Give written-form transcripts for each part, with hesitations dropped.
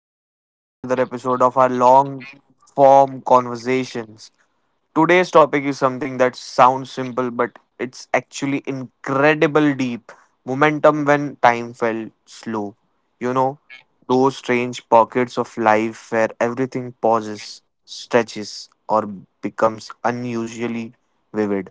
everyone, to another episode of our long form conversations. Today's topic is something that sounds simple, but it's actually incredible deep. Momentum when time felt slow. You know, those strange pockets of life where everything pauses, stretches, or becomes unusually vivid.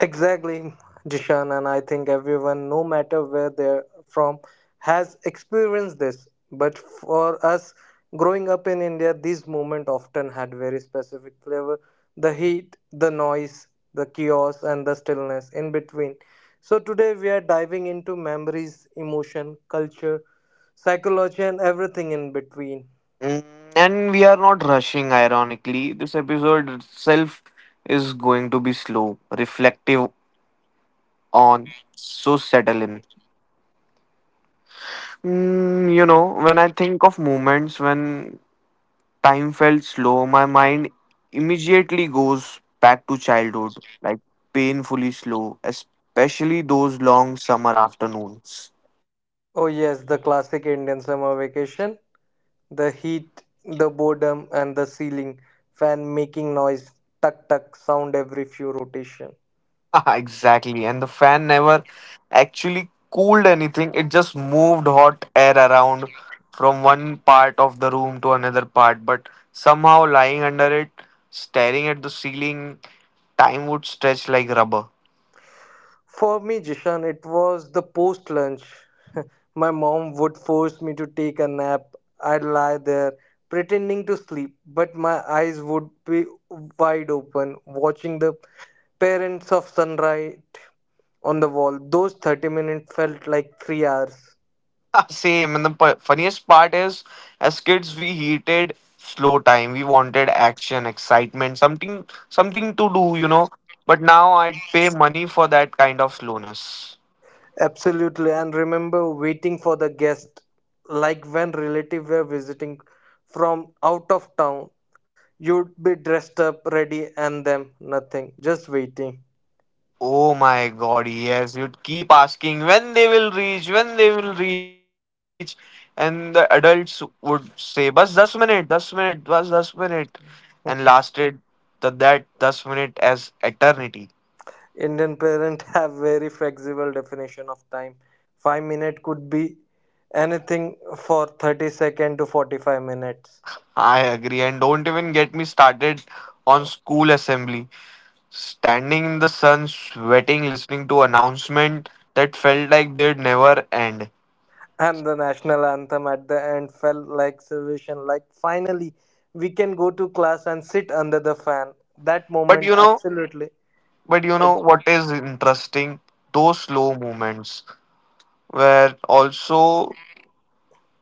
Exactly, Jishan, and I think everyone, no matter where they're from, has experienced this. But for us, growing up in India, these moments often had very specific flavor: the heat, the noise, the chaos, and the stillness in between. So today, we are diving into memories, emotion, culture, psychology, and everything in between. Mm, and we are not rushing, ironically. This episode itself is going to be slow, reflective on, so settle in. When I think of moments when time felt slow, my mind immediately goes back to childhood, like painfully slow, especially those long summer afternoons. Oh, yes, the classic Indian summer vacation. The heat, the boredom, and the ceiling fan making noise, tuck tuck sound every few rotation. Exactly. And the fan never actually cooled anything, it just moved hot air around from one part of the room to another part. But somehow, lying under it, staring at the ceiling, time would stretch like rubber. For me, Jishan, it was the post lunch. My mom would force me to take a nap. I'd lie there pretending to sleep, but my eyes would be wide open, watching the parents of sunrise on the wall. Those 30 minutes felt like 3 hours. Same. And the funniest part is, as kids, we hated slow time. We wanted action, excitement, something to do. But now I'd pay money for that kind of slowness. Absolutely, and remember waiting for the guest, like when relatives were visiting from out of town. You'd be dressed up, ready, and them nothing, just waiting. Oh my god, yes. You'd keep asking when they will reach, when they will reach. And the adults would say, bus 10 minute, 10-minute, bus 10 minute. And lasted that 10-minute as eternity. Indian parents have very flexible definition of time. 5 minutes could be anything for thirty second to 45 minutes. I agree. And don't even get me started on school assembly. Standing in the sun, sweating, listening to announcement that felt like they'd never end. And the national anthem at the end felt like salvation, like finally we can go to class and sit under the fan. That But moment, you know, absolutely. but you know what is interesting? Those slow moments were also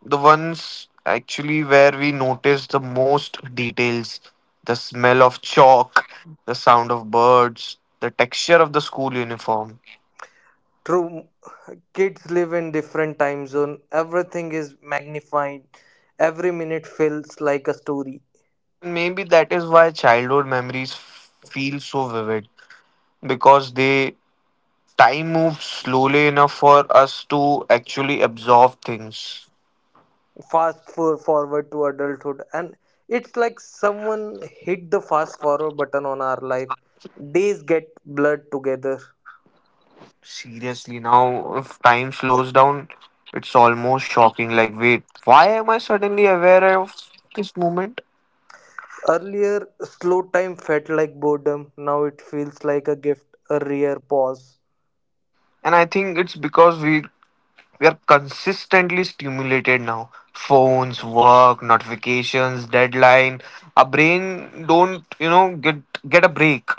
the ones actually where we noticed the most details the smell of chalk, the sound of birds, the texture of the school uniform. True, kids live in different time zone. Everything is magnified. Every minute feels like a story. Maybe that is why childhood memories feel so vivid because they time moves slowly enough for us to actually absorb things. Fast for forward to adulthood, and it's like someone hit the fast forward button on our life. Days get blurred together. Seriously, now if time slows down, it's almost shocking. Like, wait, why am I suddenly aware of this moment? Earlier, slow time felt like boredom. Now it feels like a gift, a rare pause. And I think it's because we are consistently stimulated now. Phones, work, notifications, deadline. Our brain don't, get a break.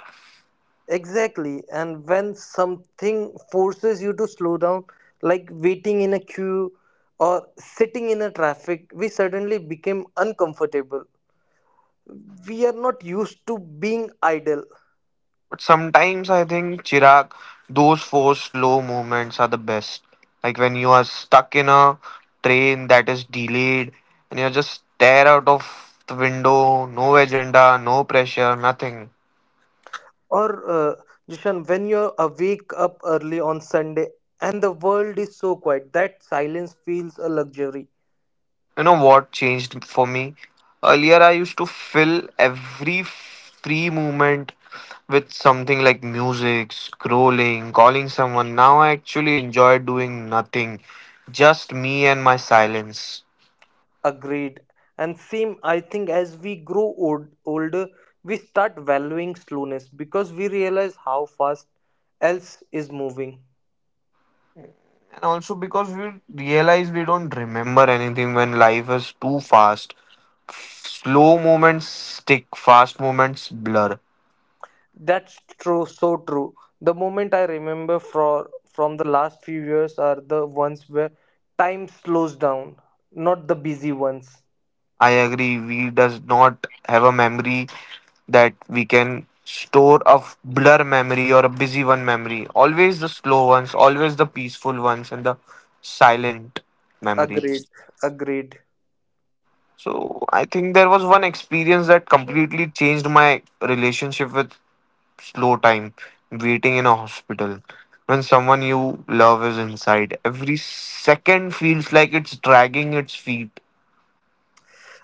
Exactly. And when something forces you to slow down, like waiting in a queue or sitting in a traffic, we suddenly became uncomfortable. We are not used to being idle. But sometimes I think Chirag, those four slow moments are the best. Like when you are stuck in a train that is delayed and you just stare out of the window, no agenda, no pressure, nothing. Or, Jishan, when you're awake up early on Sunday and the world is so quiet, that silence feels a luxury. You know what changed for me? Earlier, I used to fill every free moment with something like music, scrolling, calling someone. Now I actually enjoy doing nothing, just me and my silence. Agreed. And same, I think as we grow old, older, we start valuing slowness because we realize how fast else is moving. And also because we realize we don't remember anything when life is too fast. Slow moments stick, fast moments blur. That's true, so true. The moment I remember for from the last few years are the ones where time slows down, not the busy ones. I agree. We does not have a memory that we can store a blur memory or a busy one memory. Always the slow ones, always the peaceful ones, and the silent memories. Agreed, agreed. So I think there was one experience that completely changed my relationship with slow time, waiting in a hospital. When someone you love is inside, every second feels like it's dragging its feet.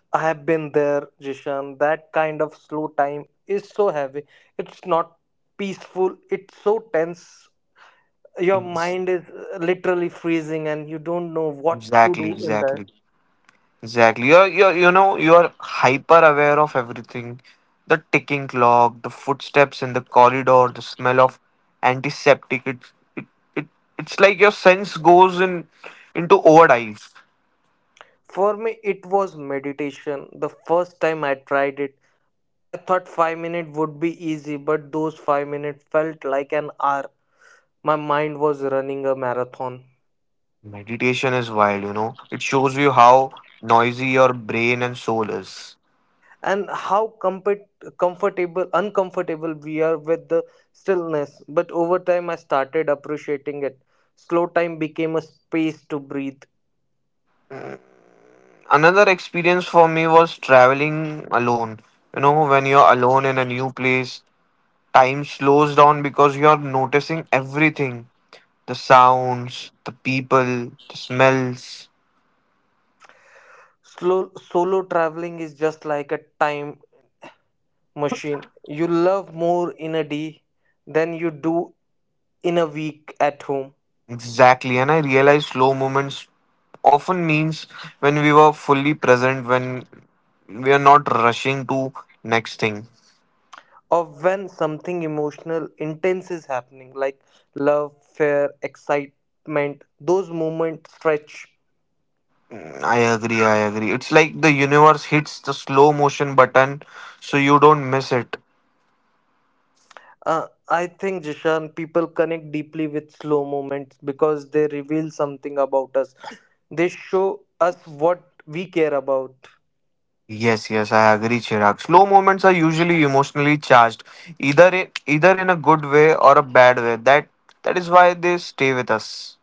I have been there, Jishan. That kind of slow time is so heavy. It's not peaceful. It's so tense your Ex- mind is literally freezing and you don't know what to Exactly, do in that. exactly. Exactly. You're hyper aware of everything. The ticking clock, the footsteps in the corridor, the smell of antiseptic. It, it, it's like your sense goes in into overdrive. For me, it was meditation. The first time I tried it, I thought 5 minutes would be easy, but those 5 minutes felt like an hour. My mind was running a marathon. Meditation is wild, you know. It shows you how noisy your brain and soul is. And how comfortable uncomfortable we are with the stillness, but over time I started appreciating it. Slow time became a space to breathe. Mm, another experience for me was traveling alone. You know, when you're alone in a new place, time slows down because you're noticing everything the sounds, the people, the smells. Slow solo traveling is just like a time machine. You love more in a day than you do in a week at home. Exactly. And I realized slow moments often means when we were fully present, when we are not rushing to next thing. Or when something emotional intense is happening, like love, fear, excitement. Those moments stretch. Mm, I agree. It's like the universe hits the slow motion button so you don't miss it. I think, Jishan, people connect deeply with slow moments because they reveal something about us. They show us what we care about, Yes, I agree, Chirag. Slow moments are usually emotionally charged, either in a good way or a bad way. That is why they stay with us.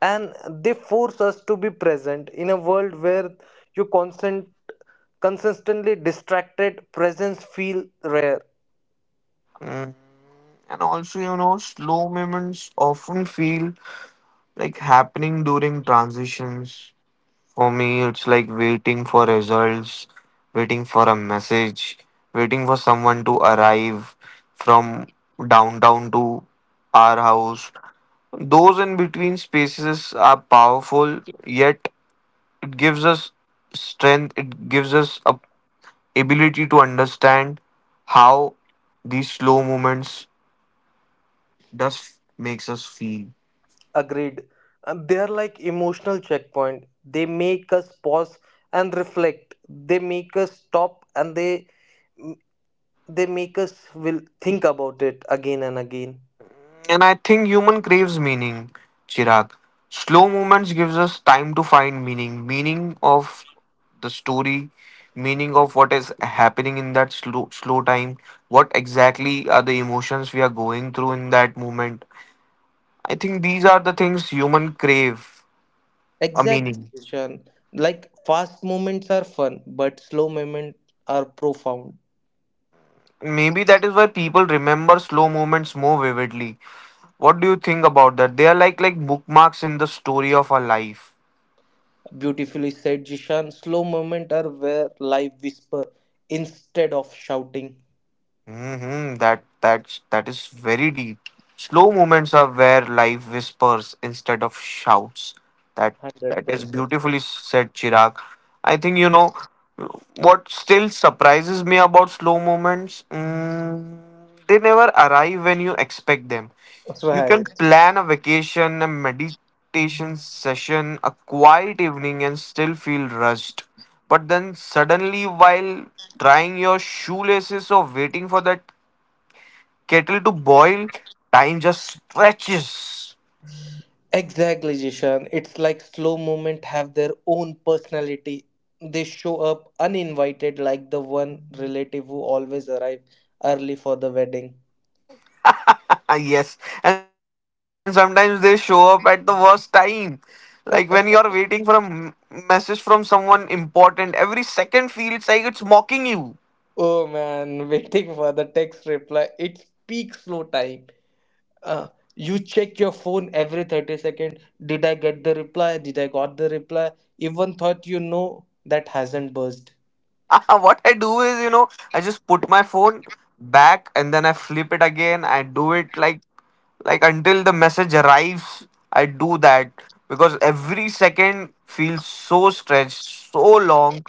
and they force us to be present in a world where you constant consistently distracted presence feel rare. Mm. And also, you know, slow moments often feel like happening during transitions. For me, it's like waiting for results, waiting for a message, waiting for someone to arrive from downtown to our house. Those in between spaces are powerful, yet it gives us strength, it gives us a ability to understand how these slow moments does makes us feel. Agreed. And they are like emotional checkpoint. They make us pause and reflect, they make us stop, and they make us will think about it again and again. And I think human craves meaning, Chirag. Slow moments gives us time to find meaning, meaning of the story, meaning of what is happening in that slow time, what exactly are the emotions we are going through in that moment. I think these are the things human crave a Exactly, meaning. Ishan. Like fast moments are fun, but slow moments are profound. Maybe that is why people remember slow moments more vividly. What do you think about that? They are like bookmarks in the story of our life. Beautifully said, Jishan. Slow moments are where life whisper instead of shouting. Mm-hmm. That is very deep. Slow moments are where life whispers instead of shouts. That that is 100% beautifully said, Chirag. I think you know what still surprises me about slow moments. Mm, they never arrive when you expect them. You can right. plan a vacation, a meditation session, a quiet evening, and still feel rushed. But then, suddenly, while trying your shoelaces or waiting for that kettle to boil, time just stretches. Exactly, Jishan. It's like slow movement have their own personality. They show up uninvited, like the one relative who always arrive early for the wedding. Ah, yes, and sometimes they show up at the worst time. Like when you are waiting for a message from someone important, every second feels like it's mocking you. Oh man, waiting for the text reply. It's peak slow time. Uh, you check your phone every 30 seconds. Did I get the reply? Did I got the reply? Even thought you know that hasn't buzzed. What I do is, you know, I just put my phone back and then I flip it again. I do it like until the message arrives. I do that because every second feels so stretched, so long.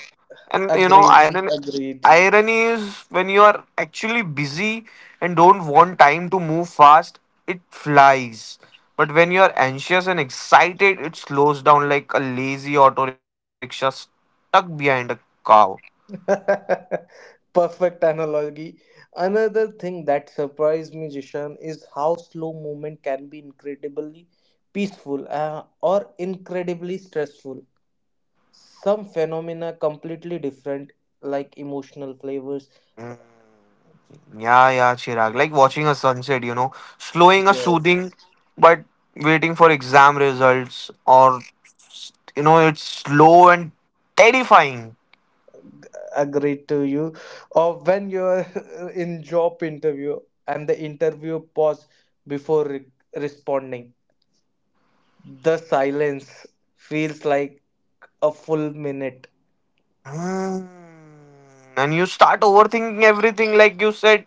And you know, Agreed. Agreed. irony is when you are actually busy and don't want time to move fast, it flies. But when you are anxious and excited, it slows down like a lazy auto rickshaw stuck behind a cow. Perfect analogy. Another thing that surprised me, Jishan, is how slow movement can be incredibly peaceful or incredibly stressful. Some phenomena completely different, like emotional flavors. Hmm. Yeah, Chirag. Like watching a sunset, you know, slowing a Yes, soothing, but waiting for exam results, or you know, it's slow and terrifying. agreed to you. Or when you're in job interview and the interview pause before responding, the silence feels like a full minute. Hmm. And you start overthinking everything, like you said.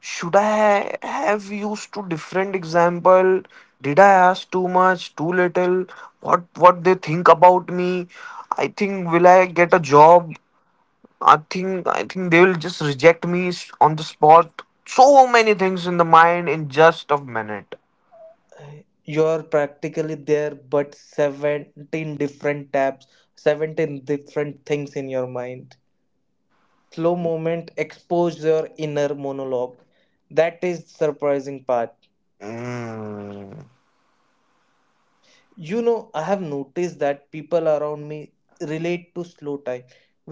Should I have used two different example? Did I ask too much, too little? What they think about me? I think will I get a job? I think they will just reject me on the spot. So many things in the mind in just a minute. You're practically there but 17 different tabs, 17 different things in your mind. Slow moment expose your inner monologue. That is surprising part. Mm. You know, I have noticed that people around me relate to slow time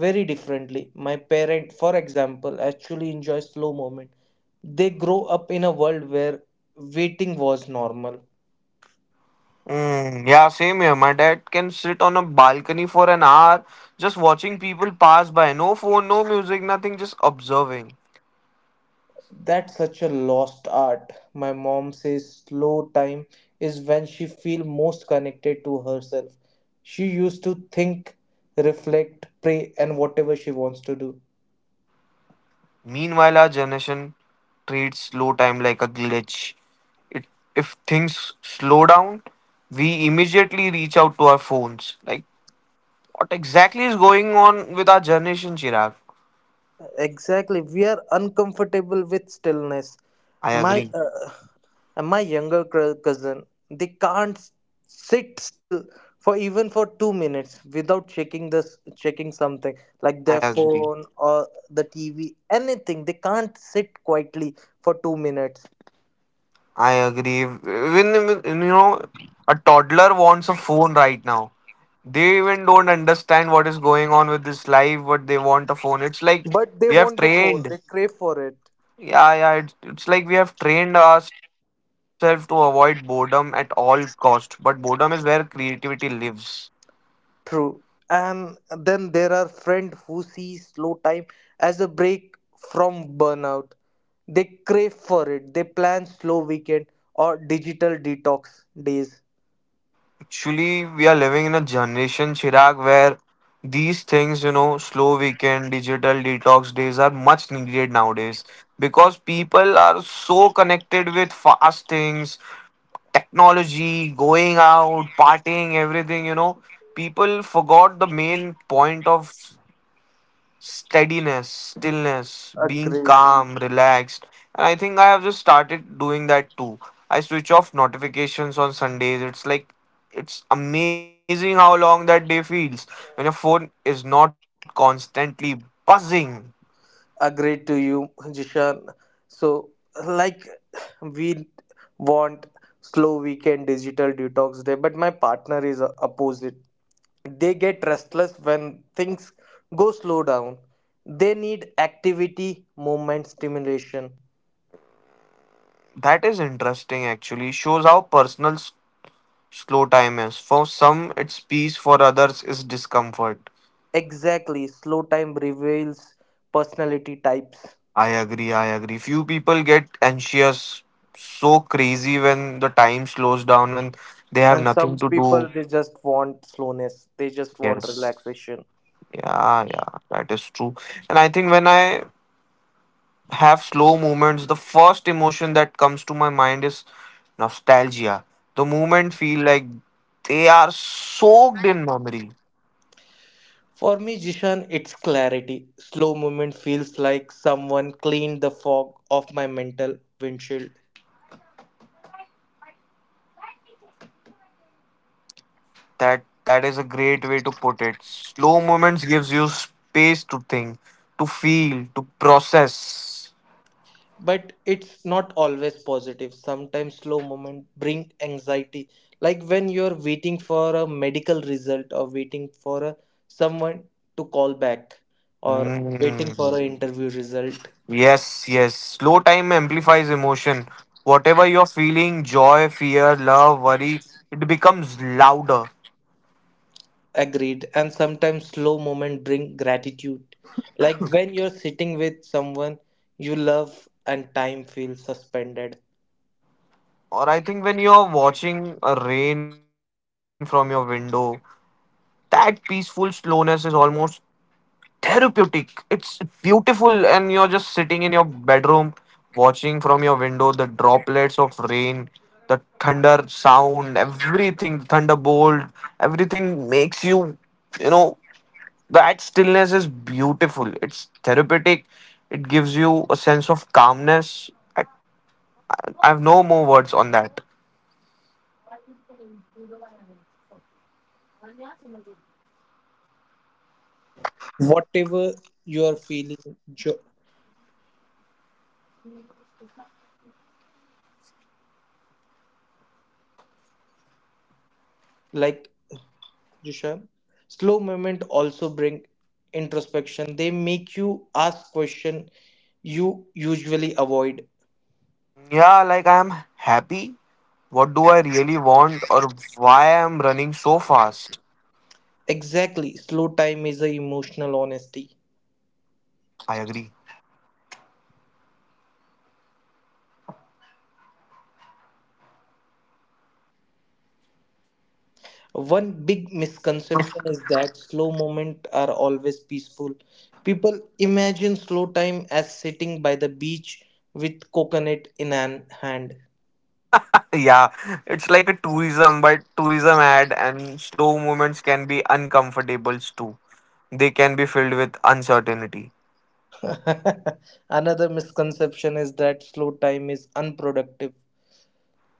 very differently. My parent, for example, actually enjoy slow moment. They grow up in a world where waiting was normal. Mm, yeah, same here. My dad can sit on a balcony for an hour just watching people pass by. No phone, no music, nothing, just observing. That's such a lost art. My mom says slow time is when she feels most connected to herself. She used to think, reflect, pray, and whatever she wants to do. Meanwhile, our generation treats slow time like a glitch. It, if things slow down, we immediately reach out to our phones. Like, what exactly is going on with our generation, Chirag? Exactly. We are uncomfortable with stillness. I My agree. And my younger cousin, they can't s- sit still for even for 2 minutes without checking this checking something like I their agree. phone or the TV, anything. They can't sit quietly for 2 minutes, I agree. You know, a toddler wants a phone right now. They even don't understand what is going on with this life, but they want a phone. It's like but they we have want the phone. trained. They crave for it. Yeah, yeah. It's like we have trained ourselves to avoid boredom at all cost. But boredom is where creativity lives. True. And then there are friends who see slow time as a break from burnout. They crave for it. They plan slow weekend or digital detox days. Actually, we are living in a generation, Chirag, where these things, you know, slow weekend, digital detox days are much needed nowadays because people are so connected with fast things, technology, going out, partying, everything, you know. People forgot the main point of steadiness, stillness, being Agreed. calm, relaxed. And I think I have just started doing that too. I switch off notifications on Sundays. It's like it's amazing how long that day feels when your phone is not constantly buzzing. Agreed to you, Jishan. So, like, we want slow weekend digital detox day, but my partner is opposite. They get restless when things go slow down. They need activity, movement, stimulation. That is interesting actually. Shows how personal slow time is. For some it's peace, for others it's discomfort. Exactly, slow time reveals personality types. I agree. Few people get anxious so crazy when the time slows down, when they have And nothing some to people do. they just want slowness, they just want Yes. relaxation. Yeah, that is true. And I think when I have slow movements, the first emotion that comes to my mind is nostalgia. The moment feel like they are soaked in memory. For me, Jishan, it's clarity. Slow movement feels like someone cleaned the fog off my mental windshield. That is a great way to put it. Slow moments gives you space to think, to feel, to process. But it's not always positive. Sometimes slow movement bring anxiety. Like when you're waiting for a medical result, or waiting for a, someone to call back, or waiting for Mm. an interview result. Yes. Slow time amplifies emotion. Whatever you're feeling, joy, fear, love, worry, it becomes louder. Agreed. And sometimes slow moments bring gratitude. Like when you're sitting with someone you love and time feels suspended. Or I think when you're watching a rain from your window, that peaceful slowness is almost therapeutic. It's beautiful, and you're just sitting in your bedroom, watching from your window the droplets of rain, the thunder sound, everything, thunderbolt, everything makes you you know That stillness is beautiful. It's therapeutic. It gives you a sense of calmness. I, I have no more words on that. Whatever you are feeling like Jisha, slow movement also bring introspection, they make you ask question you usually avoid. Yeah, like I am happy. What do I really want or why I am running so fast? Exactly, slow time is a emotional honesty. I agree. One big misconception is that slow movement are always peaceful. People imagine slow time as sitting by the beach with coconut in an hand. Yeah, it's like a tourism, but tourism ad and slow movements can be uncomfortable too. They can be filled with uncertainty. Another misconception is that slow time is unproductive.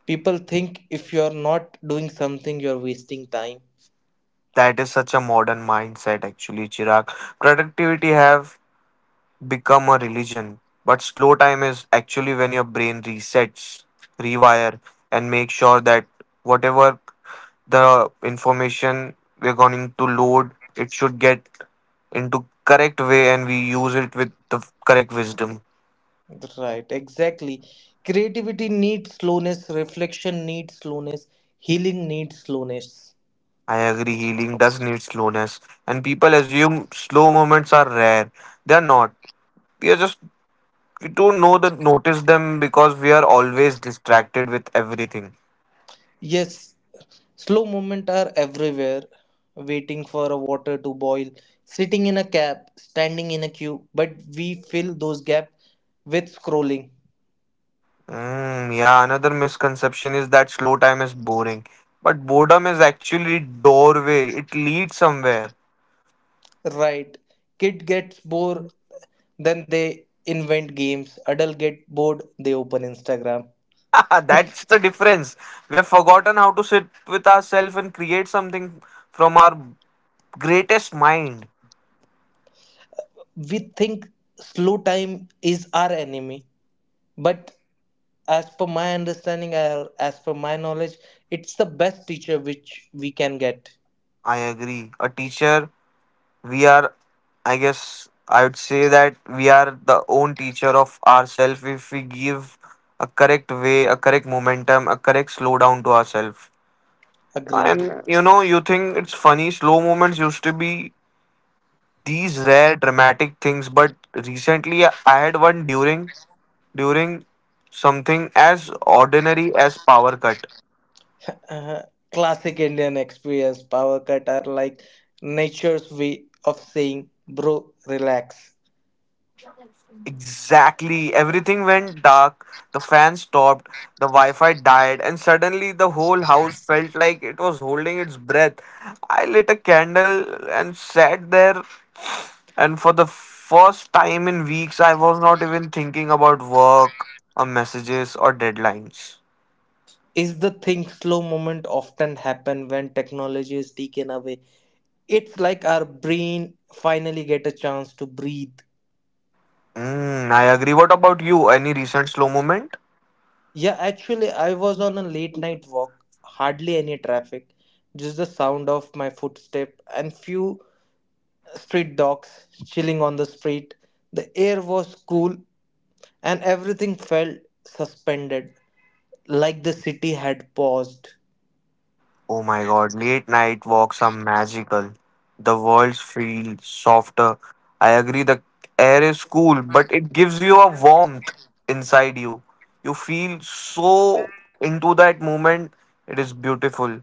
People think if you're not doing something, you're wasting time. That is such a modern mindset actually, Chirag. Productivity have become a religion. But slow time is actually when your brain resets, rewire, and make sure that whatever the information we're going to load, it should get into correct way and we use it with the correct wisdom. Right, exactly. Creativity needs slowness, reflection needs slowness, healing needs slowness. I agree, healing does need slowness, and people assume slow moments are rare. They are not. We are just we don't know that notice them because we are always distracted with everything. Yes, slow movement are everywhere. Waiting for a water to boil, sitting in a cab, standing in a queue, but we fill those gaps with scrolling. Yeah, another misconception is that slow time is boring, but boredom is actually doorway. It leads somewhere. Right. Kid gets bored then they invent games, adult get bored they open Instagram. That's the difference. We have forgotten how to sit with ourselves and create something from our greatest mind. We think slow time is our enemy, but as per my understanding, as per my knowledge, it's the best teacher which we can get. I agree. A teacher, we are, I guess, I would say that we are the own teacher of ourselves if we give a correct way, a correct momentum, a correct slowdown to ourselves. Agreed. And you know, you think it's funny, slow moments used to be these rare dramatic things, but recently I had one during something as ordinary as power cut. uh, Classic Indian experience, power cut are like nature's way of saying bro relax. Exactly. Everything went dark, the fan stopped, the Wi Fi died, and suddenly the whole house felt like it was holding its breath. I lit a candle and sat there, and for the first time in weeks, I was not even thinking about work or messages or deadlines. Is the thing, slow moment often happen when technology is taken away. It's like our brain finally get a chance to breathe. I agree. What about you? Any recent slow moment? Yeah, actually I was on a late night walk, hardly any traffic, just the sound of my footstep and few street dogs chilling on the street. The air was cool and everything felt suspended, like the city had paused. Oh my god, late night walks are magical. The world feels softer. I agree, the air is cool, but it gives you a warmth inside you. You feel so into that moment. It is beautiful.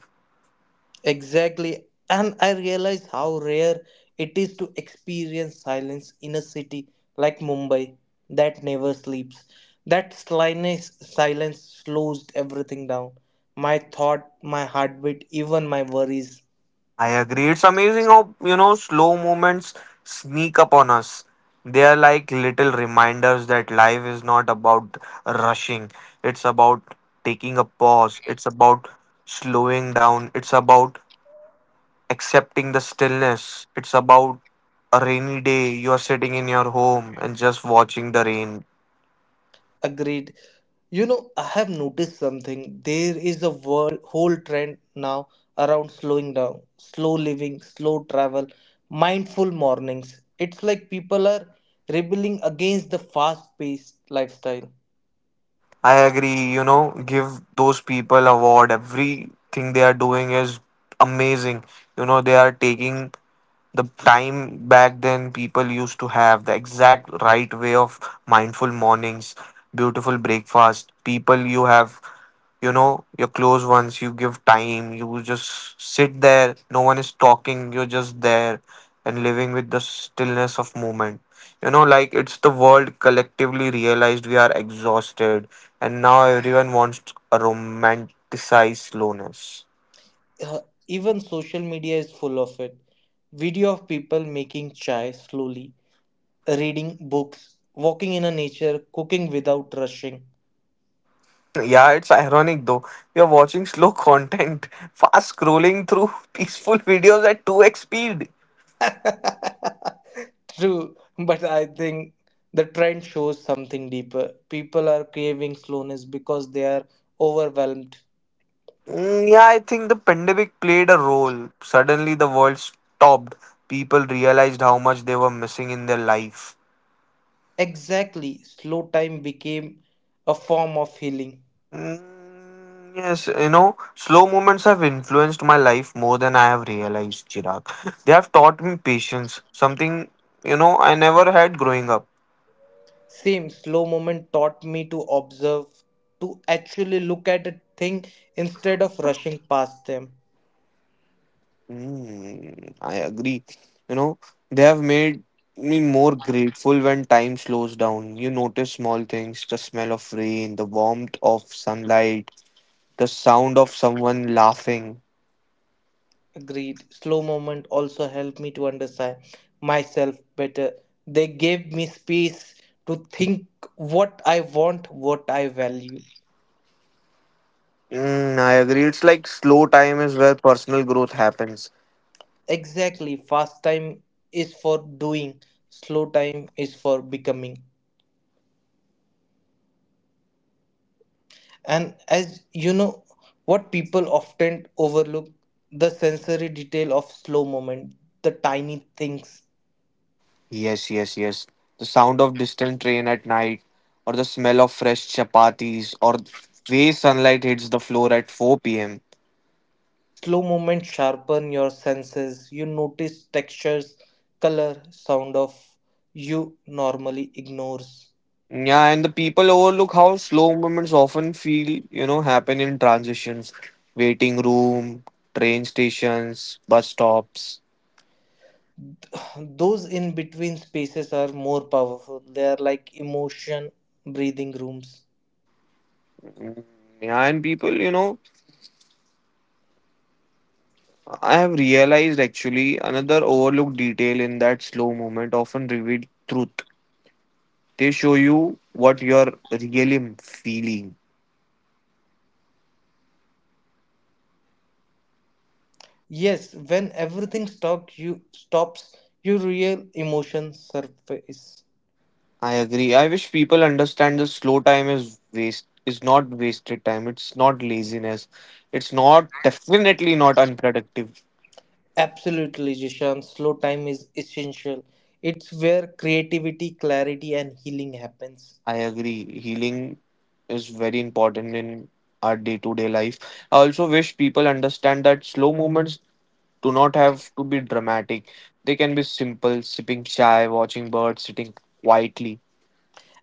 Exactly. And I realize how rare it is to experience silence in a city like Mumbai that never sleeps. That slyness silence slows everything down. My thought, my heartbeat, even my worries. I agree. It's amazing how, you know, slow moments sneak up on us. They are like little reminders that life is not about rushing. It's about taking a pause. It's about slowing down. It's about accepting the stillness. It's about a rainy day, you're sitting in your home and just watching the rain. Agreed. You know, I have noticed something. There is a world, whole trend now around slowing down, slow living, slow travel, mindful mornings. It's like people are rebelling against the fast-paced lifestyle. I agree, you know, give those people award. Everything they are doing is amazing. You know, they are taking the time back then people used to have the exact right way of mindful mornings, beautiful breakfast, people you have, you know, your close ones, you give time, you just sit there, no one is talking, you're just there and living with the stillness of moment. You know, like it's the world collectively realized we are exhausted and now everyone wants a romanticized slowness. Uh, even social media is full of it. Video of people making chai slowly, reading books, walking in a nature, cooking without rushing. Yeah, it's ironic though. You're watching slow content, fast scrolling through peaceful videos at 2x speed. True, but I think the trend shows something deeper. People are craving slowness because they are overwhelmed. Yeah, I think the pandemic played a role. Suddenly, the world stopped. People realized how much they were missing in their life. Exactly, slow time became a form of healing. Yes, you know, slow moments have influenced my life more than I have realized, Chirag. They have taught me patience, something, you know, I never had growing up. Same, slow moment taught me to observe, to actually look at a thing instead of rushing past them. I agree. You know, they have made me more grateful when time slows down. You notice small things, the smell of rain, the warmth of sunlight, the sound of someone laughing. Agreed, slow moment also helped me to understand myself better. They gave me space to think what I want, what I value. I agree. It's like slow time is where personal growth happens. Exactly, fast time is for doing, slow time is for becoming. And as you know, what people often overlook, the sensory detail of slow moment, the tiny things. Yes, yes, yes. The sound of distant rain at night, or the smell of fresh chapatis, or way sunlight hits the floor at 4 p.m. Slow moments sharpen your senses. You notice textures, color, sound of you normally ignores. Yeah, and the people overlook how slow moments often feel, you know, happen in transitions, waiting room, train stations, bus stops. Those in between spaces are more powerful. They are like emotion breathing rooms. Yeah, and people, you know, I have realized actually another overlooked detail in that slow moment often reveal truth. They show you what you're really feeling. Yes, when everything stops, you stops, your real emotions surface. I agree. I wish people understand the slow time is waste is not wasted time. It's not laziness. It's not definitely not unproductive. Absolutely, Jishan. Slow time is essential. It's where creativity, clarity, and healing happens. I agree. Healing is very important in our day to day life. I also wish people understand that slow movements do not have to be dramatic. They can be simple, sipping chai, watching birds, sitting quietly.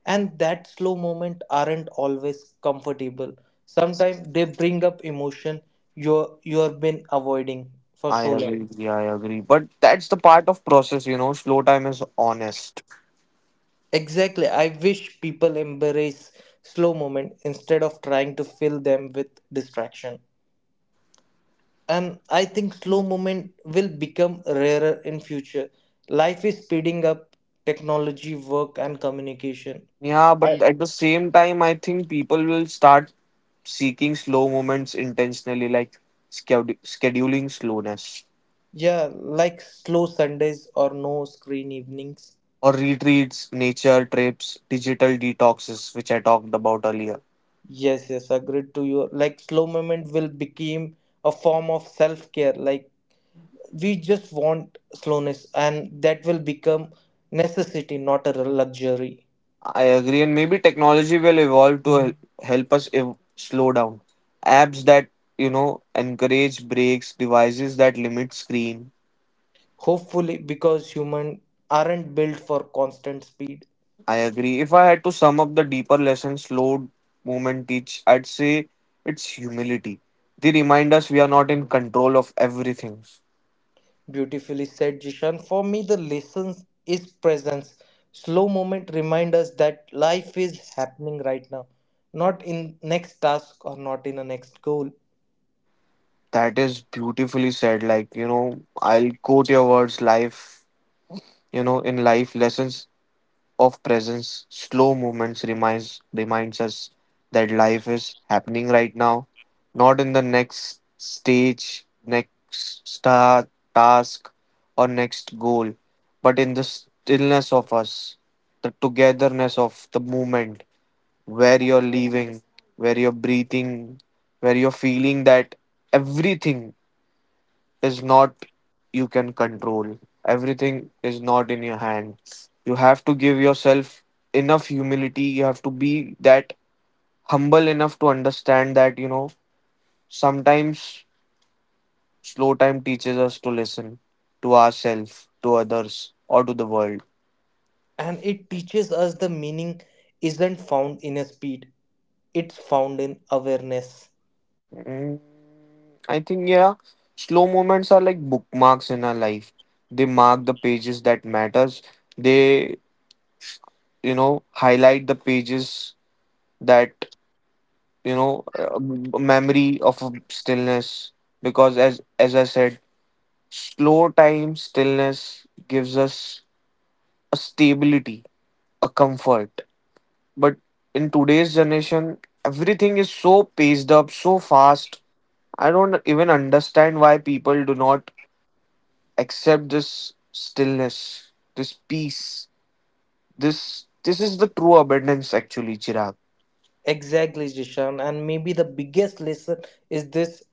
And that slow moment aren't always comfortable. Sometimes they bring up emotion you have been avoiding for I so long. agree. Yeah, I agree. But that's the part of process, you know. Slow time is honest. Exactly. I wish people embrace slow moment instead of trying to fill them with distraction. And I think slow movement will become rarer in future. Life is speeding up, technology, work and communication. Yeah, but at the same time, I think people will start seeking slow moments intentionally, like schedule scheduling slowness. Yeah, like slow Sundays or no screen evenings. Or retreats, nature trips, digital detoxes, which I talked about earlier. Yes, yes, agreed to you. Like slow movement will become a form of self care, like we just want slowness, and that will become necessity, not a luxury. I agree, and maybe technology will evolve to help us slow down. Apps that, you know, encourage breaks, devices that limit screen. Hopefully, because human aren't built for constant speed. I agree. If I had to sum up the deeper lesson slow movement teach, I'd say it's humility. They remind us we are not in control of everything. Beautifully said, Jishan. For me, the lessons is presence. Slow moment remind us that life is happening right now, not in next task or not in a next goal. That is beautifully said. Like, you know, I'll quote your words, life, you know, in life lessons of presence, slow movements reminds us that life is happening right now, not in the next stage, next star task, or next goal, but in the stillness of us, the togetherness of the moment, where you're leaving, where you're breathing, where you're feeling that everything is not you can control. Everything is not in your hand. You have to give yourself enough humility. You have to be that humble enough to understand that, you know, sometimes slow time teaches us to listen to ourselves, to others, or to the world. And it teaches us the meaning isn't found in a speed; it's found in awareness. Mm, I think, yeah, slow moments are like bookmarks in our life. They mark the pages that matters. They, you know, highlight the pages that, you know, a memory of a stillness, because as I said, slow time stillness gives us a stability, a comfort, but in today's generation everything is so paced up, so fast, I don't even understand why people do not accept this stillness, this peace, this this is the true abundance actually, Chirag. Exactly, Jishan. And maybe the biggest lesson is this: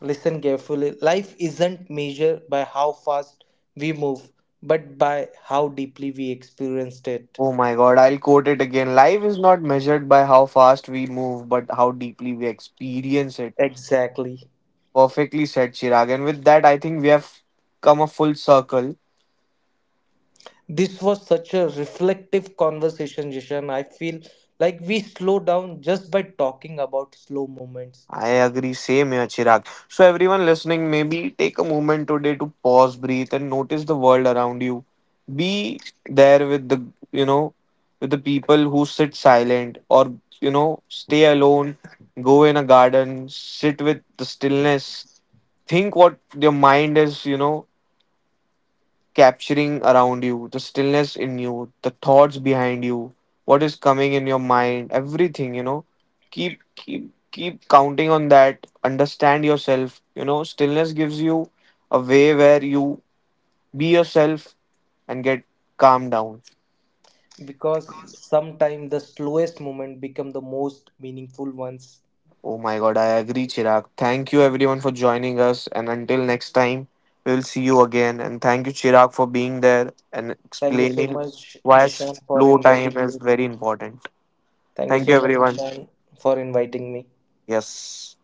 listen carefully. Life isn't measured by how fast we move, but by how deeply we experienced it. Oh my god, I'll quote it again. Life is not measured by how fast we move, but how deeply we experience it. Exactly. Perfectly said, Chirag. And with that, I think we have come a full circle. This was such a reflective conversation, Jishan. I feel like we slow down just by talking about slow moments, I agree, same here, Chirag. So, everyone listening, maybe take a moment today to pause, breathe, and notice the world around you. Be there with the, you know, with the people who sit silent or, you know, stay alone, go in a garden, sit with the stillness, think what your mind is, you know, capturing around you, the stillness in you, the thoughts behind you, what is coming in your mind, everything, you know, keep counting on that, understand yourself, you know, stillness gives you a way where you be yourself and get calmed down. because sometimes the slowest moment become the most meaningful ones. Oh my god, I agree, Chirag. Thank you everyone for joining us, and until next time, we'll see you again. And thank you, Chirag, for being there and Thank you so explaining much, why Jishan, for slow inviting time is me. very important. Thank you Thank you, so much, everyone. Jishan, for inviting me. Yes.